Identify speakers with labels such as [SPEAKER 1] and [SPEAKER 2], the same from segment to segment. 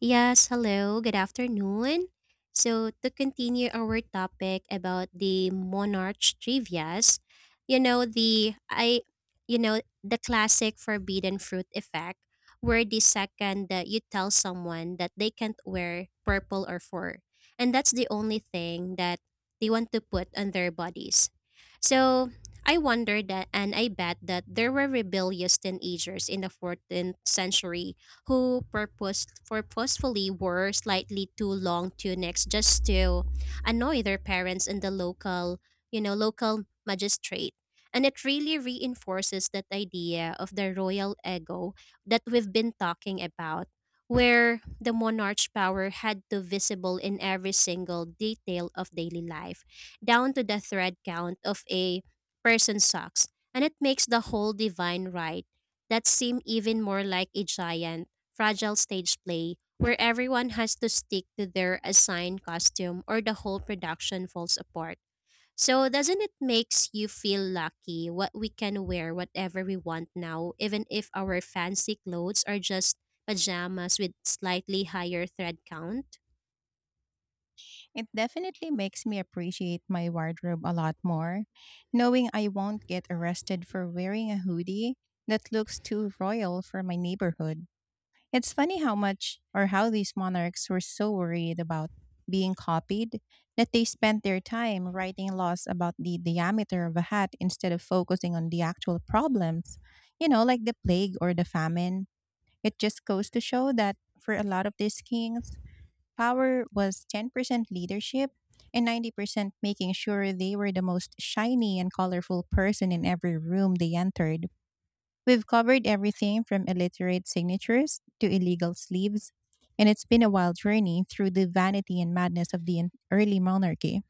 [SPEAKER 1] Yes, hello, good afternoon. So, to continue our topic about the Monarch trivias, you know, the I you know, the classic forbidden fruit effect where the second that you tell someone that they can't wear purple or fur, and that's the only thing that they want to put on their bodies. So, I wonder that and I bet that there were rebellious teenagers in the 14th century who purposefully wore slightly too long tunics just to annoy their parents and the local magistrate. And it really reinforces that idea of the royal ego that we've been talking about, where the monarch's power had to visible in every single detail of daily life, down to the thread count of a person's socks. And it makes the whole divine right that seem even more like a giant fragile stage play where everyone has to stick to their assigned costume or the whole production falls apart. So doesn't it makes you feel lucky what we can wear whatever we want now, even if our fancy clothes are just pajamas with slightly higher thread count?
[SPEAKER 2] It definitely makes me appreciate my wardrobe a lot more, knowing I won't get arrested for wearing a hoodie that looks too royal for my neighborhood. It's funny how much or how these monarchs were so worried about being copied that they spent their time writing laws about the diameter of a hat instead of focusing on the actual problems, like the plague or the famine. It just goes to show that for a lot of these kings, power was 10% leadership and 90% making sure they were the most shiny and colorful person in every room they entered. We've covered everything from illiterate signatures to illegal sleeves, and it's been a wild journey through the vanity and madness of the early monarchy.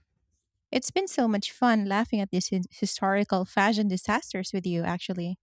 [SPEAKER 2] It's been so much fun laughing at these historical fashion disasters with you, actually.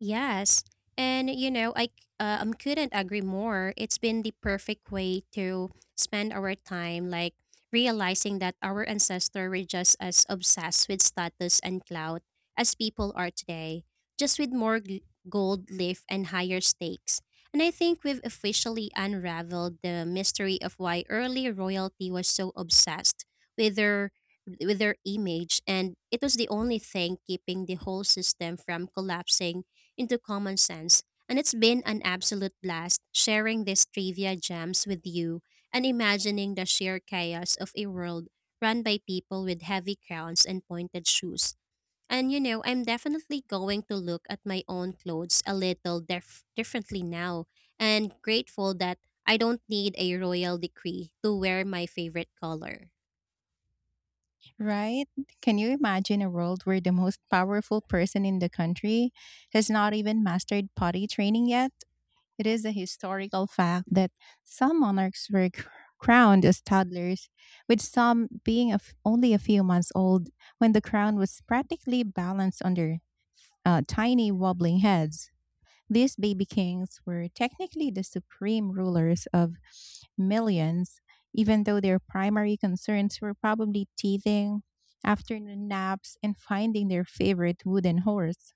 [SPEAKER 1] Yes. And you know, I couldn't agree more. It's been the perfect way to spend our time, like realizing that our ancestors were just as obsessed with status and clout as people are today, just with more gold leaf and higher stakes. And I think we've officially unraveled the mystery of why early royalty was so obsessed with their image, and it was the only thing keeping the whole system from collapsing into common sense, and it's been an absolute blast sharing these trivia gems with you and imagining the sheer chaos of a world run by people with heavy crowns and pointed shoes. And you know, I'm definitely going to look at my own clothes a little differently now and grateful that I don't need a royal decree to wear my favorite color.
[SPEAKER 2] Right? Can you imagine a world where the most powerful person in the country has not even mastered potty training yet? It is a historical fact that some monarchs were crowned as toddlers, with some being only a few months old when the crown was practically balanced on their tiny wobbling heads. These baby kings were technically the supreme rulers of millions, even though their primary concerns were probably teething, afternoon naps, and finding their favorite wooden horse.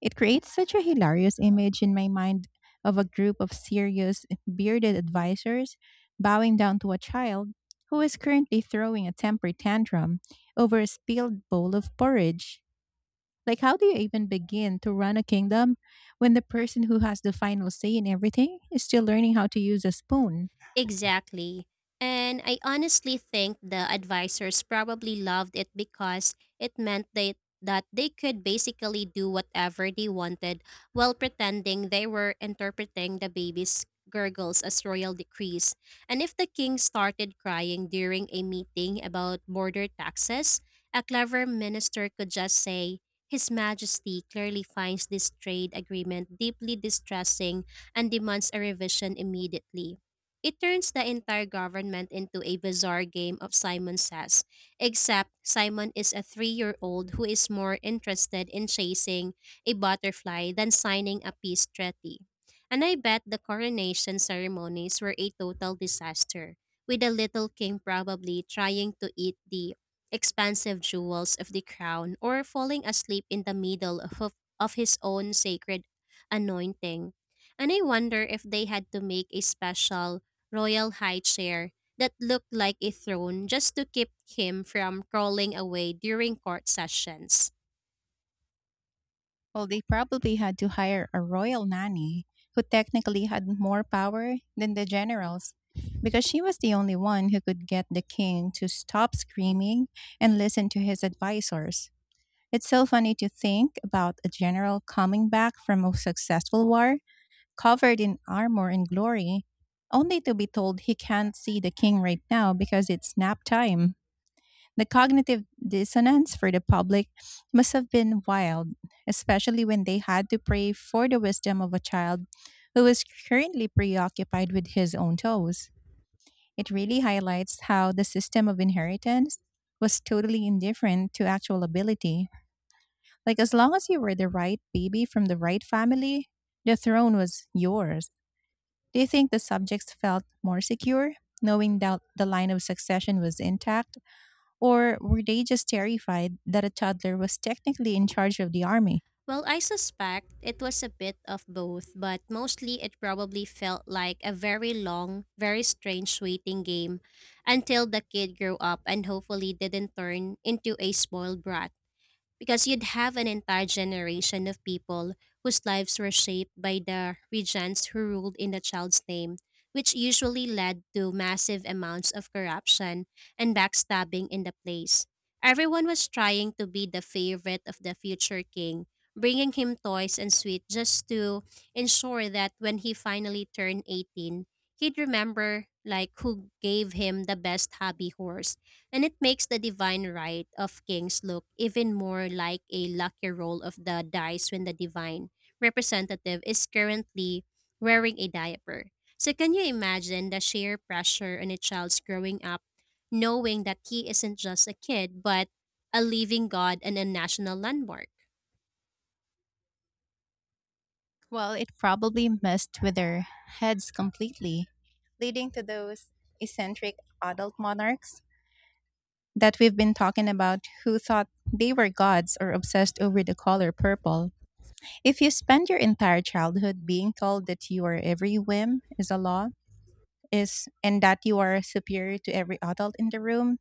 [SPEAKER 2] It creates such a hilarious image in my mind of a group of serious, bearded advisors bowing down to a child who is currently throwing a temper tantrum over a spilled bowl of porridge. Like, how do you even begin to run a kingdom when the person who has the final say in everything is still learning how to use a spoon?
[SPEAKER 1] Exactly. And I honestly think the advisors probably loved it because it meant that they could basically do whatever they wanted while pretending they were interpreting the baby's gurgles as royal decrees. And if the king started crying during a meeting about border taxes, a clever minister could just say, "His Majesty clearly finds this trade agreement deeply distressing and demands a revision immediately." It turns the entire government into a bizarre game of Simon Says, except Simon is a 3-year-old old who is more interested in chasing a butterfly than signing a peace treaty. And I bet the coronation ceremonies were a total disaster, with the little king probably trying to eat the expansive jewels of the crown or falling asleep in the middle of his own sacred anointing. And I wonder if they had to make a special royal high chair that looked like a throne just to keep him from crawling away during court sessions.
[SPEAKER 2] Well, they probably had to hire a royal nanny who technically had more power than the generals because she was the only one who could get the king to stop screaming and listen to his advisors. It's so funny to think about a general coming back from a successful war, covered in armor and glory, only to be told he can't see the king right now because it's nap time. The cognitive dissonance for the public must have been wild, especially when they had to pray for the wisdom of a child who is currently preoccupied with his own toes. It really highlights how the system of inheritance was totally indifferent to actual ability. Like, as long as you were the right baby from the right family, the throne was yours. Do you think the subjects felt more secure knowing that the line of succession was intact, or were they just terrified that a toddler was technically in charge of the army?
[SPEAKER 1] Well, I suspect it was a bit of both, but mostly it probably felt like a very long, very strange waiting game until the kid grew up and hopefully didn't turn into a spoiled brat, because you'd have an entire generation of people whose lives were shaped by the regents who ruled in the child's name, which usually led to massive amounts of corruption and backstabbing in the place. Everyone was trying to be the favorite of the future king, bringing him toys and sweets just to ensure that when he finally turned 18, he'd remember like who gave him the best hobby horse. And it makes the divine right of kings look even more like a lucky roll of the dice when the divine representative is currently wearing a diaper. So, can you imagine the sheer pressure on a child's growing up, knowing that he isn't just a kid, but a living god and a national landmark?
[SPEAKER 2] Well, it probably messed with their heads completely, leading to those eccentric adult monarchs that we've been talking about who thought they were gods or obsessed over the color purple. If you spend your entire childhood being told that your every whim is a law, is and that you are superior to every adult in the room,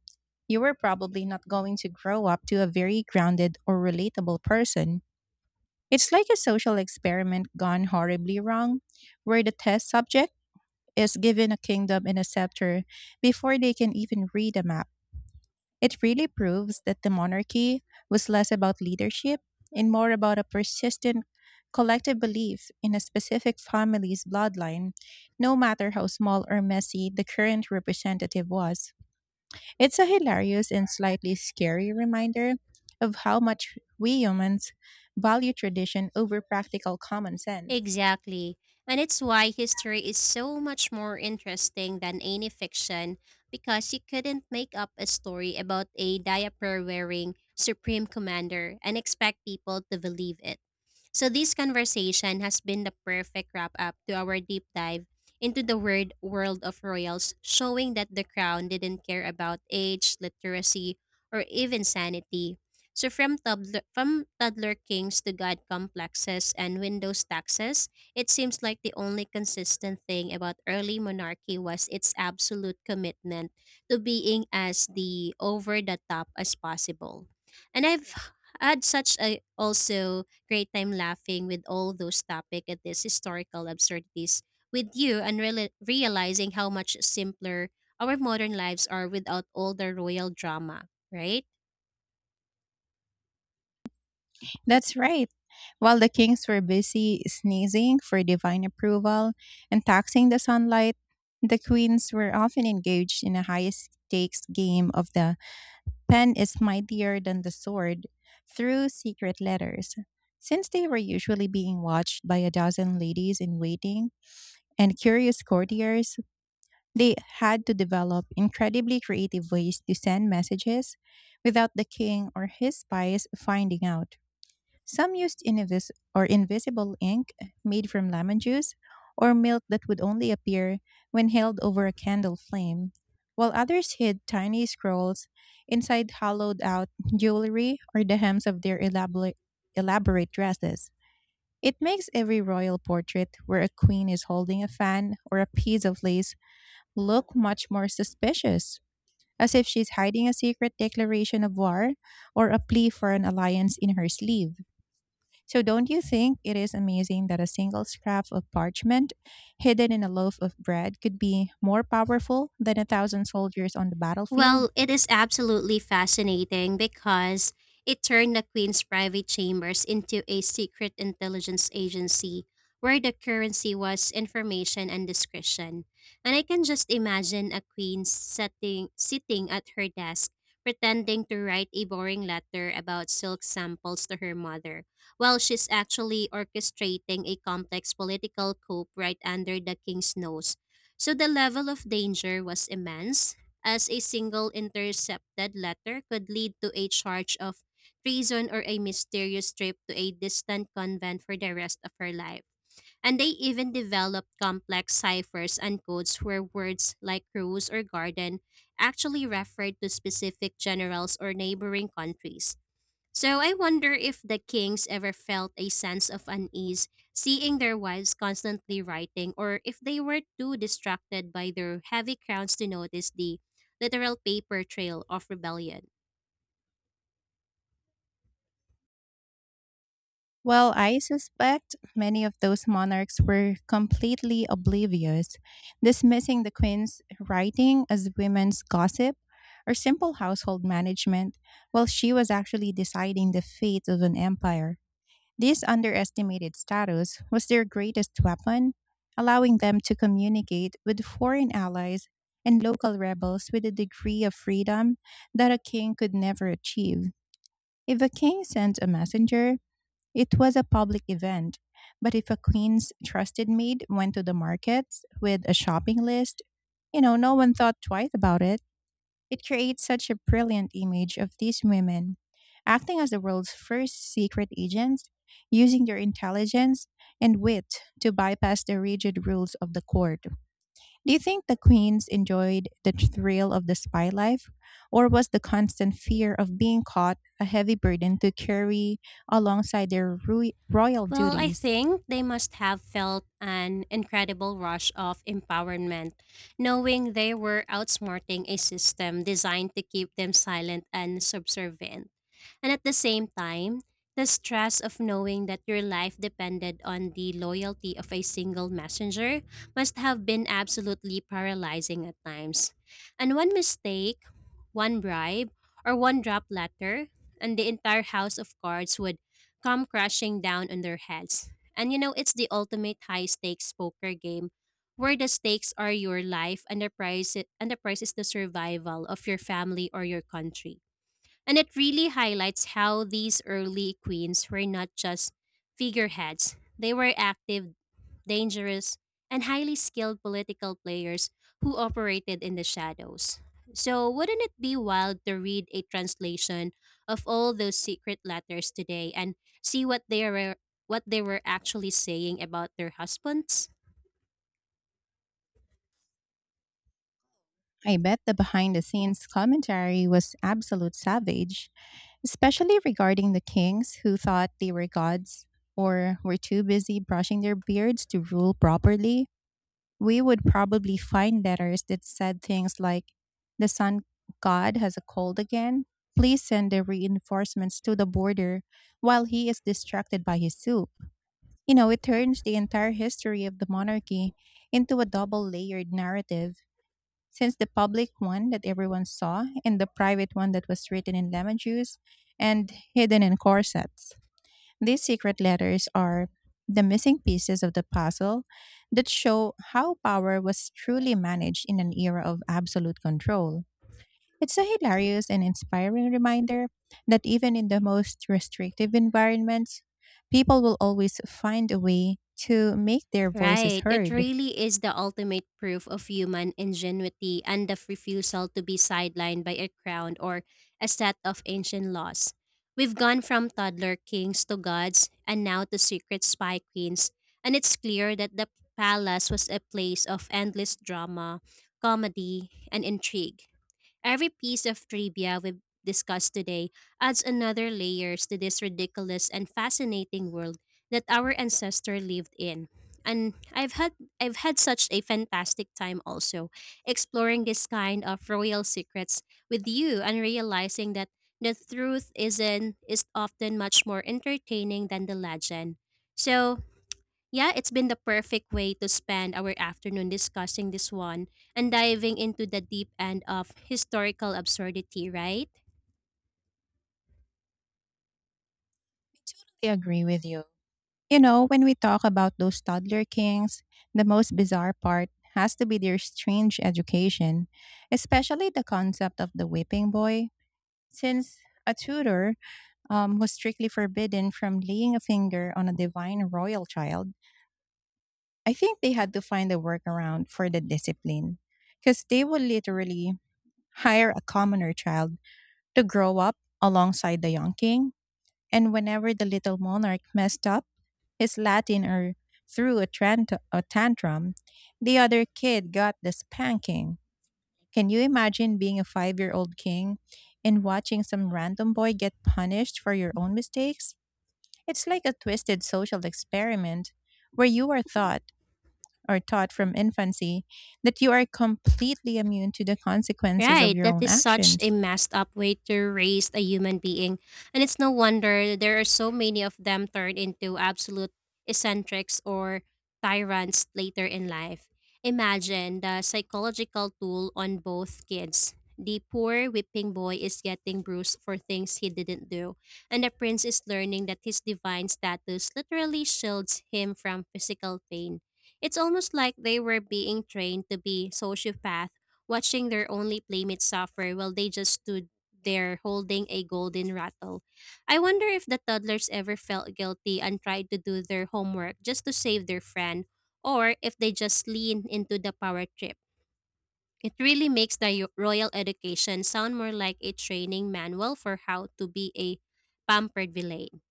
[SPEAKER 2] you are probably not going to grow up to a very grounded or relatable person. It's like a social experiment gone horribly wrong, where the test subject is given a kingdom and a scepter before they can even read a map. It really proves that the monarchy was less about leadership and more about a persistent collective belief in a specific family's bloodline, no matter how small or messy the current representative was. It's a hilarious and slightly scary reminder of how much we humans value tradition over practical common sense.
[SPEAKER 1] Exactly. And it's why history is so much more interesting than any fiction, because you couldn't make up a story about a diaper wearing supreme commander and expect people to believe it. So this conversation has been the perfect wrap up to our deep dive into the word world of royals, showing that the crown didn't care about age, literacy, or even sanity. So from toddler kings to god complexes and Windows taxes, it seems like the only consistent thing about early monarchy was its absolute commitment to being as the over the top as possible. And I've had such a also great time laughing with all those topic at these historical absurdities with you and realizing how much simpler our modern lives are without all the royal drama, right?
[SPEAKER 2] That's right. While the kings were busy sneezing for divine approval and taxing the sunlight, the queens were often engaged in a high stakes game of "the pen is mightier than the sword" through secret letters. Since they were usually being watched by a dozen ladies in waiting and curious courtiers, they had to develop incredibly creative ways to send messages without the king or his spies finding out. Some used invis- or invisible ink made from lemon juice or milk that would only appear when held over a candle flame, while others hid tiny scrolls inside hollowed out jewelry or the hems of their elaborate dresses. It makes every royal portrait where a queen is holding a fan or a piece of lace look much more suspicious, as if she's hiding a secret declaration of war or a plea for an alliance in her sleeve. So, don't you think it is amazing that a single scrap of parchment hidden in a loaf of bread could be more powerful than a thousand soldiers on the battlefield?
[SPEAKER 1] Well, it is absolutely fascinating because it turned the Queen's private chambers into a secret intelligence agency where the currency was information and discretion. And I can just imagine a queen sitting at her desk, pretending to write a boring letter about silk samples to her mother, while she's actually orchestrating a complex political coup right under the king's nose. So the level of danger was immense, as a single intercepted letter could lead to a charge of treason or a mysterious trip to a distant convent for the rest of her life. And they even developed complex ciphers and codes where words like rose or garden actually referred to specific generals or neighboring countries. So I wonder if the kings ever felt a sense of unease seeing their wives constantly writing, or if they were too distracted by their heavy crowns to notice the literal paper trail of rebellion.
[SPEAKER 2] Well, I suspect many of those monarchs were completely oblivious, dismissing the queen's writing as women's gossip or simple household management while she was actually deciding the fate of an empire. This underestimated status was their greatest weapon, allowing them to communicate with foreign allies and local rebels with a degree of freedom that a king could never achieve. If a king sent a messenger, it was a public event. But if a queen's trusted maid went to the markets with a shopping list, no one thought twice about it. It creates such a brilliant image of these women, acting as the world's first secret agents, using their intelligence and wit to bypass the rigid rules of the court. Do you think the queens enjoyed the thrill of the spy life, or was the constant fear of being caught a heavy burden to carry alongside their royal
[SPEAKER 1] Well, I
[SPEAKER 2] duties?
[SPEAKER 1] think they must have felt an incredible rush of empowerment, knowing they were outsmarting a system designed to keep them silent and subservient. And at the same time, the stress of knowing that your life depended on the loyalty of a single messenger must have been absolutely paralyzing at times. And one mistake, one bribe, or one drop letter, and the entire house of cards would come crashing down on their heads. And you know, it's the ultimate high stakes poker game where the stakes are your life and the price is the survival of your family or your country. And it really highlights how these early queens were not just figureheads, they were active, dangerous, and highly skilled political players who operated in the shadows. So, wouldn't it be wild to read a translation of all those secret letters today and see what they were actually saying about their husbands?
[SPEAKER 2] I bet the behind the scenes commentary was absolute savage, especially regarding the kings who thought they were gods or were too busy brushing their beards to rule properly. We would probably find letters that said things like, "The sun god has a cold again. Please send the reinforcements to the border while he is distracted by his soup." It turns the entire history of the monarchy into a double layered narrative, since the public one that everyone saw and the private one that was written in lemon juice and hidden in corsets. These secret letters are the missing pieces of the puzzle that show how power was truly managed in an era of absolute control. It's a hilarious and inspiring reminder that even in the most restrictive environments, people will always find a way to make their voices
[SPEAKER 1] Right. It
[SPEAKER 2] heard.
[SPEAKER 1] really is the ultimate proof of human ingenuity and the refusal to be sidelined by a crown or a set of ancient laws. We've gone from toddler kings to gods and now to secret spy queens, and it's clear that the palace was a place of endless drama, comedy, and intrigue. Every piece of trivia we've discussed today adds another layers to this ridiculous and fascinating world that our ancestor lived in. And I've had such a fantastic time also exploring this kind of royal secrets with you and realizing that the truth isn't is often much more entertaining than the legend. So, yeah, it's been the perfect way to spend our afternoon discussing this one and diving into the deep end of historical absurdity, right?
[SPEAKER 2] I agree with you. When we talk about those toddler kings, the most bizarre part has to be their strange education, especially the concept of the whipping boy, since a tutor was strictly forbidden from laying a finger on a divine royal child. I think they had to find a workaround for the discipline, because they would literally hire a commoner child to grow up alongside the young king, and whenever the little monarch messed up his Latin or threw a tantrum, the other kid got the spanking. Can you imagine being a 5-year old king and watching some random boy get punished for your own mistakes? It's like a twisted social experiment where you are thought or taught from infancy that you are completely immune to the consequences of
[SPEAKER 1] Right,
[SPEAKER 2] your
[SPEAKER 1] that
[SPEAKER 2] own
[SPEAKER 1] is such a
[SPEAKER 2] actions.
[SPEAKER 1] messed up way to raise a human being. And it's no wonder there are so many of them turned into absolute eccentrics or tyrants later in life. Imagine the psychological toll on both kids. The poor whipping boy is getting bruised for things he didn't do, and the prince is learning that his divine status literally shields him from physical pain. It's almost like they were being trained to be sociopaths, watching their only playmate suffer while they just stood there holding a golden rattle. I wonder if the toddlers ever felt guilty and tried to do their homework just to save their friend, or if they just leaned into the power trip. It really makes the royal education sound more like a training manual for how to be a pampered villain.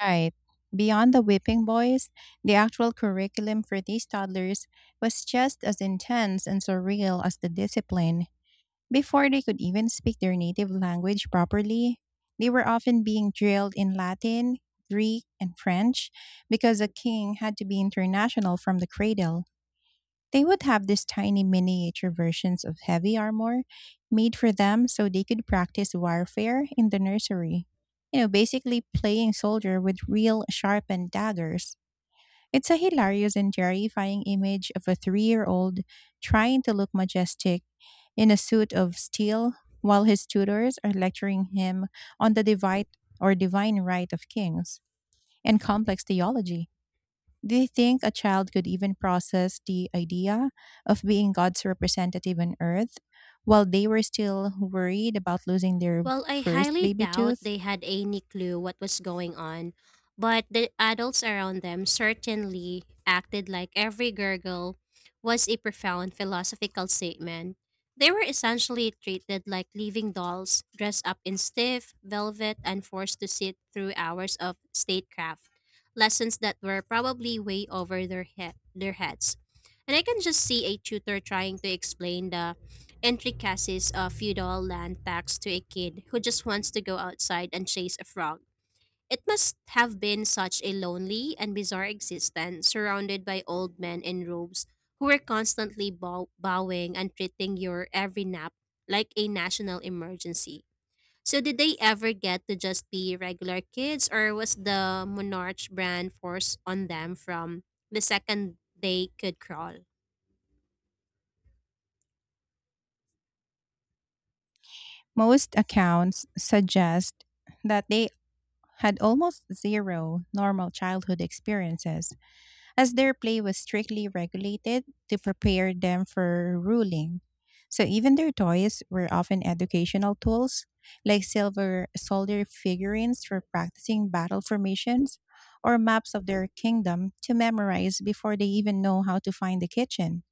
[SPEAKER 2] Right. Beyond the whipping boys, the actual curriculum for these toddlers was just as intense and surreal as the discipline. Before they could even speak their native language properly, they were often being drilled in Latin, Greek, and French, because a king had to be international from the cradle. They would have these tiny miniature versions of heavy armor made for them so they could practice warfare in the nursery. Basically playing soldier with real sharpened daggers. It's a hilarious and terrifying image of a 3-year old trying to look majestic in a suit of steel while his tutors are lecturing him on the divide or divine right of kings and complex theology. Do you think a child could even process the idea of being God's representative on earth while they were still worried about losing their
[SPEAKER 1] Well, I
[SPEAKER 2] first
[SPEAKER 1] highly
[SPEAKER 2] baby
[SPEAKER 1] doubt
[SPEAKER 2] tooth?
[SPEAKER 1] they had any clue what was going on, but the adults around them certainly acted like every gurgle was a profound philosophical statement. They were essentially treated like living dolls, dressed up in stiff velvet and forced to sit through hours of statecraft, lessons that were probably way over their heads. And I can just see a tutor trying to explain the intricacies of feudal land tax to a kid who just wants to go outside and chase a frog. It must have been such a lonely and bizarre existence, surrounded by old men in robes who were constantly bowing and treating your every nap like a national emergency. So, did they ever get to just be regular kids, or was the monarch brand forced on them from the second they could crawl?
[SPEAKER 2] Most accounts suggest that they had almost zero normal childhood experiences, as their play was strictly regulated to prepare them for ruling. So even their toys were often educational tools, like silver soldier figurines for practicing battle formations or maps of their kingdom to memorize before they even know how to find the kitchen.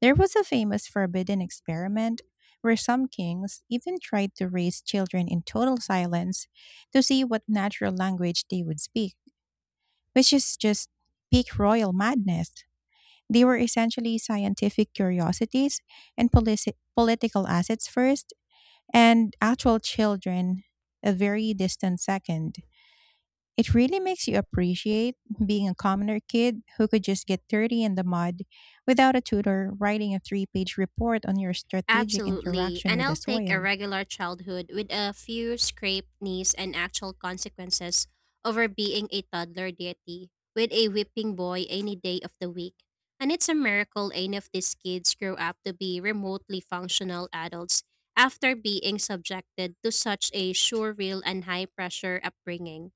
[SPEAKER 2] There was a famous forbidden experiment where some kings even tried to raise children in total silence to see what natural language they would speak, which is just peak royal madness. They were essentially scientific curiosities and political assets first, and actual children a very distant second. It really makes you appreciate being a commoner kid who could just get dirty in the mud without a tutor writing a three-page report on your strategic
[SPEAKER 1] Absolutely,
[SPEAKER 2] interaction
[SPEAKER 1] and
[SPEAKER 2] with the
[SPEAKER 1] I'll take a
[SPEAKER 2] soil.
[SPEAKER 1] regular childhood with a few scraped knees and actual consequences over being a toddler deity with a whipping boy any day of the week. And it's a miracle any of these kids grow up to be remotely functional adults after being subjected to such a surreal and high pressure upbringing.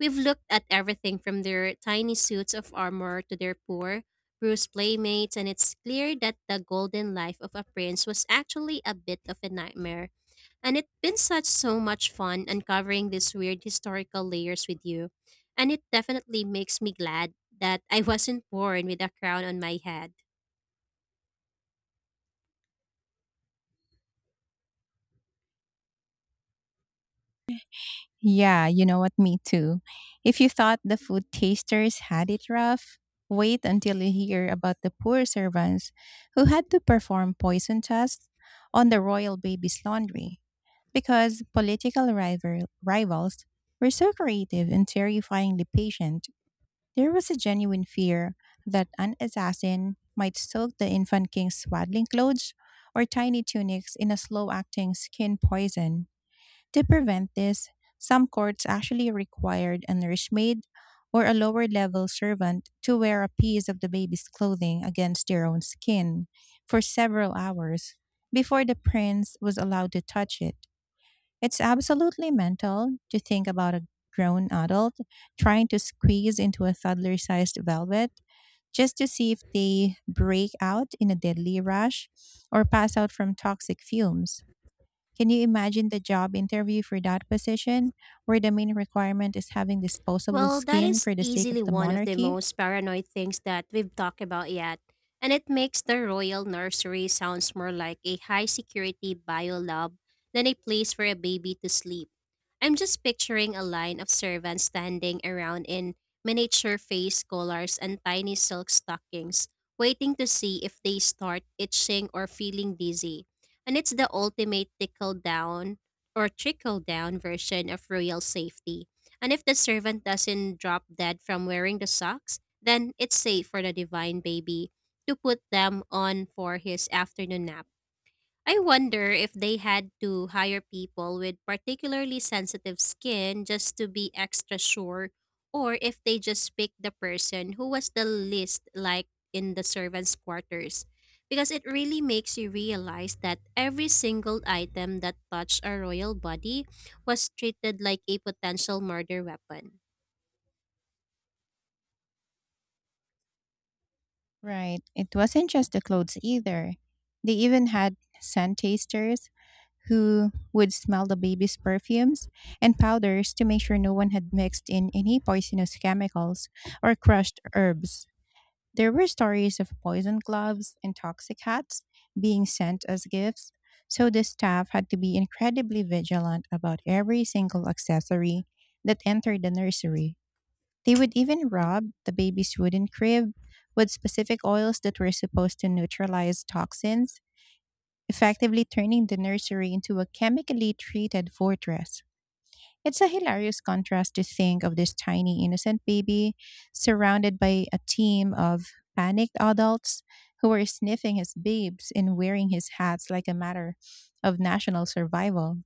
[SPEAKER 1] We've looked at everything from their tiny suits of armor to their poor, bruised playmates, and it's clear that the golden life of a prince was actually a bit of a nightmare. And it's been such so much fun uncovering these weird historical layers with you. And it definitely makes me glad that I wasn't born with a crown on my head.
[SPEAKER 2] Yeah, you know what? Me too. If you thought the food tasters had it rough, wait until you hear about the poor servants who had to perform poison tests on the royal baby's laundry because rivals were so creative and terrifyingly patient. There was a genuine fear that an assassin might soak the infant king's swaddling clothes or tiny tunics in a slow acting skin poison. To prevent this, some courts actually required a nursemaid or a lower level servant to wear a piece of the baby's clothing against their own skin for several hours before the prince was allowed to touch it. It's absolutely mental to think about a grown adult trying to squeeze into a toddler sized velvet just to see if they break out in a deadly rash or pass out from toxic fumes. Can you imagine the job interview for that position, where the main requirement is having disposable
[SPEAKER 1] Well, that
[SPEAKER 2] skin
[SPEAKER 1] is
[SPEAKER 2] for the sake of
[SPEAKER 1] easily
[SPEAKER 2] the
[SPEAKER 1] one of the
[SPEAKER 2] monarchy?
[SPEAKER 1] most paranoid things that we've talked about yet, and it makes the royal nursery sounds more like a high security bio lab than a place for a baby to sleep. I'm just picturing a line of servants standing around in miniature face collars and tiny silk stockings, waiting to see if they start itching or feeling dizzy. And it's the ultimate tickle down or trickle down version of royal safety, and if the servant doesn't drop dead from wearing the socks, then it's safe for the divine baby to put them on for his afternoon nap. I wonder if they had to hire people with particularly sensitive skin just to be extra sure, or if they just picked the person who was the least like in the servants' quarters. Because it really makes you realize that every single item that touched a royal body was treated like a potential murder weapon.
[SPEAKER 2] Right. It wasn't just the clothes either. They even had scent tasters who would smell the baby's perfumes and powders to make sure no one had mixed in any poisonous chemicals or crushed herbs. There were stories of poison gloves and toxic hats being sent as gifts, so the staff had to be incredibly vigilant about every single accessory that entered the nursery. They would even rub the baby's wooden crib with specific oils that were supposed to neutralize toxins, effectively turning the nursery into a chemically treated fortress. It's a hilarious contrast to think of this tiny, innocent baby surrounded by a team of panicked adults who were sniffing his babes and wearing his hats like a matter of national survival.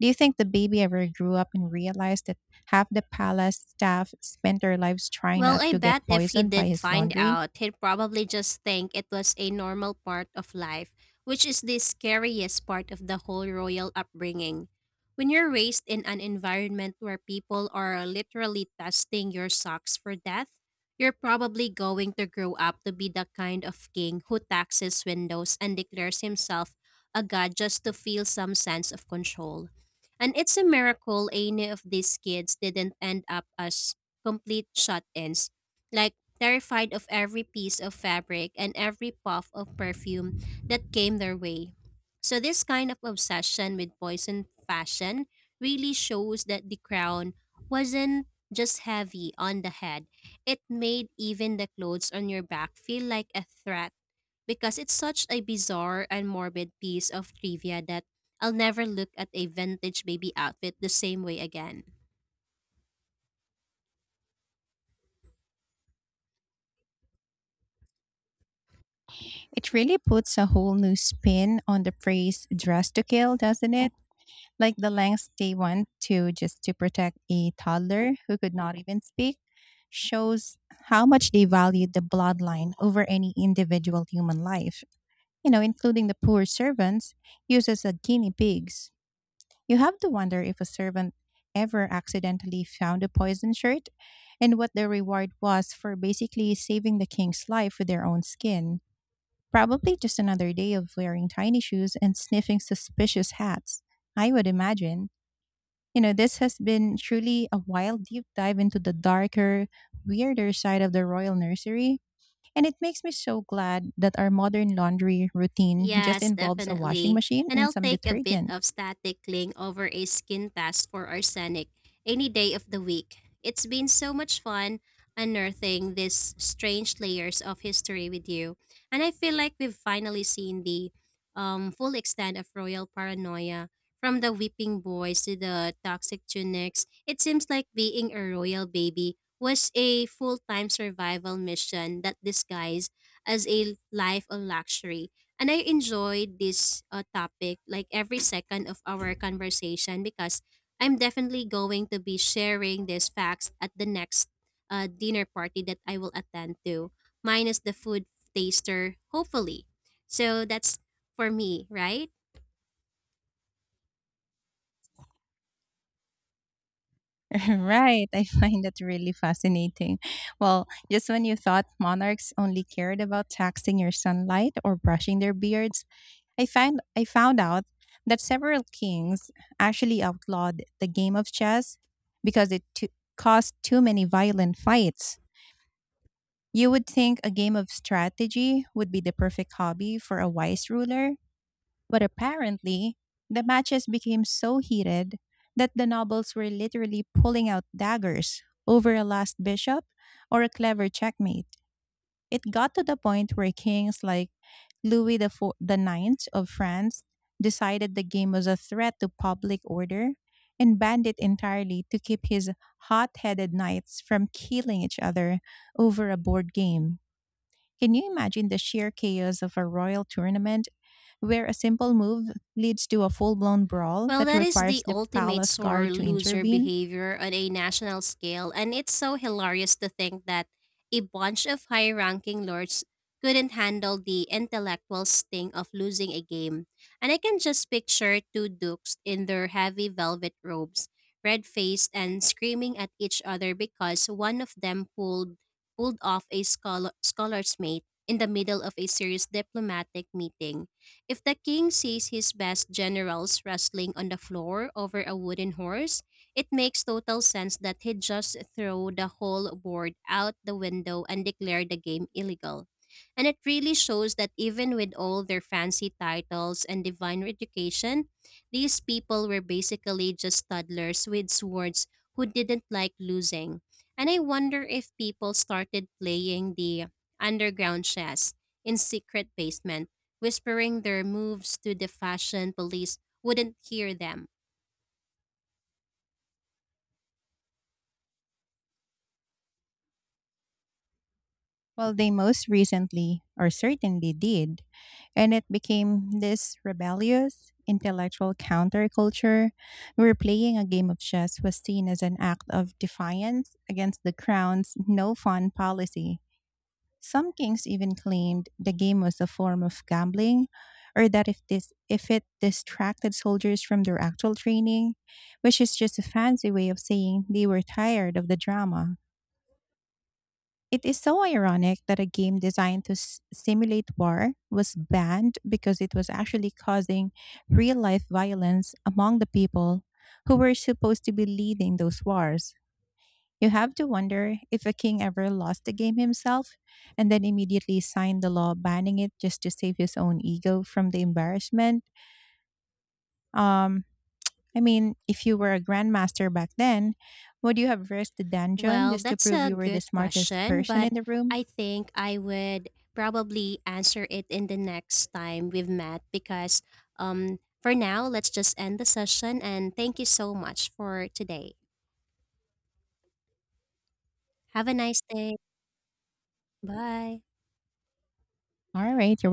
[SPEAKER 2] Do you think the baby ever grew up and realized that half the palace staff spent their lives trying
[SPEAKER 1] Well,
[SPEAKER 2] not
[SPEAKER 1] I
[SPEAKER 2] to
[SPEAKER 1] bet
[SPEAKER 2] get
[SPEAKER 1] if he
[SPEAKER 2] poisoned by
[SPEAKER 1] did
[SPEAKER 2] his
[SPEAKER 1] find
[SPEAKER 2] laundry?
[SPEAKER 1] out, he'd probably just think it was a normal part of life, which is the scariest part of the whole royal upbringing. When you're raised in an environment where people are literally testing your socks for death, you're probably going to grow up to be the kind of king who taxes windows and declares himself a god just to feel some sense of control. And it's a miracle any of these kids didn't end up as complete shut-ins, like terrified of every piece of fabric and every puff of perfume that came their way. So this kind of obsession with poison fashion really shows that the crown wasn't just heavy on the head. It made even the clothes on your back feel like a threat, because it's such a bizarre and morbid piece of trivia that I'll never look at a vintage baby outfit the same way again.
[SPEAKER 2] It really puts a whole new spin on the phrase dress to kill, doesn't it? Like the lengths they went to just to protect a toddler who could not even speak shows how much they valued the bloodline over any individual human life, you know, including the poor servants used as a guinea pigs. You have to wonder if a servant ever accidentally found a poison shirt and what the reward was for basically saving the king's life with their own skin. Probably just another day of wearing tiny shoes and sniffing suspicious hats, I would imagine. This has been truly a wild deep dive into the darker, weirder side of the royal nursery. And it makes me so glad that our modern laundry routine just
[SPEAKER 1] Yes,
[SPEAKER 2] involves a washing
[SPEAKER 1] definitely.
[SPEAKER 2] machine
[SPEAKER 1] And
[SPEAKER 2] and
[SPEAKER 1] I'll
[SPEAKER 2] some
[SPEAKER 1] take a bit
[SPEAKER 2] detergent.
[SPEAKER 1] of static cling over a skin test for arsenic any day of the week. It's been so much fun unearthing these strange layers of history with you. And I feel like we've finally seen the full extent of royal paranoia, from the weeping boys to the toxic tunics. It seems like being a royal baby was a full time survival mission that disguised as a life of luxury. And I enjoyed this topic, like every second of our conversation, because I'm definitely going to be sharing these facts at the next dinner party that I will attend to, minus the food taster, hopefully. So that's for me, right?
[SPEAKER 2] Right. I find that really fascinating. Well, just when you thought monarchs only cared about taxing your sunlight or brushing their beards, I found out that several kings actually outlawed the game of chess because it too caused too many violent fights. You would think a game of strategy would be the perfect hobby for a wise ruler, but apparently, the matches became so heated that the nobles were literally pulling out daggers over a last bishop or a clever checkmate. It got to the point where kings like Louis the Ninth of France decided the game was a threat to public order and banned it entirely to keep his hot-headed knights from killing each other over a board game. Can you imagine the sheer chaos of a royal tournament where a simple move leads to a full-blown brawl
[SPEAKER 1] Well,
[SPEAKER 2] that
[SPEAKER 1] that is
[SPEAKER 2] requires
[SPEAKER 1] the
[SPEAKER 2] the
[SPEAKER 1] ultimate
[SPEAKER 2] palace
[SPEAKER 1] sore
[SPEAKER 2] guard to
[SPEAKER 1] loser
[SPEAKER 2] intervene?
[SPEAKER 1] behavior on a national scale, and it's so hilarious to think that a bunch of high ranking lords couldn't handle the intellectual sting of losing a game. And I can just picture two dukes in their heavy velvet robes, red faced and screaming at each other because one of them pulled off a scholar's mate in the middle of a serious diplomatic meeting. If the king sees his best generals wrestling on the floor over a wooden horse, it makes total sense that he'd just throw the whole board out the window and declare the game illegal. And it really shows that even with all their fancy titles and divine education, these people were basically just toddlers with swords who didn't like losing. And I wonder if people started playing the underground chess in secret basements, whispering their moves to the fashion police wouldn't hear them?
[SPEAKER 2] Well, they most recently, or certainly did, and it became this rebellious, intellectual counterculture where playing a game of chess was seen as an act of defiance against the crown's no fun policy. Some kings even claimed the game was a form of gambling, or that if it distracted soldiers from their actual training, which is just a fancy way of saying they were tired of the drama. It is so ironic that a game designed to simulate war was banned because it was actually causing real life violence among the people who were supposed to be leading those wars. You have to wonder if a king ever lost the game himself and then immediately signed the law banning it just to save his own ego from the embarrassment. Um, I mean, if you were a grandmaster back then, would you have risked the dungeon
[SPEAKER 1] Well,
[SPEAKER 2] just to
[SPEAKER 1] that's
[SPEAKER 2] prove
[SPEAKER 1] a
[SPEAKER 2] you were the
[SPEAKER 1] good
[SPEAKER 2] smartest
[SPEAKER 1] question,
[SPEAKER 2] person
[SPEAKER 1] but
[SPEAKER 2] in the room?
[SPEAKER 1] I think I would probably answer it in the next time we've met, because for now, let's just end the session and thank you so much for today. Have a nice day. Bye.
[SPEAKER 2] All right. You're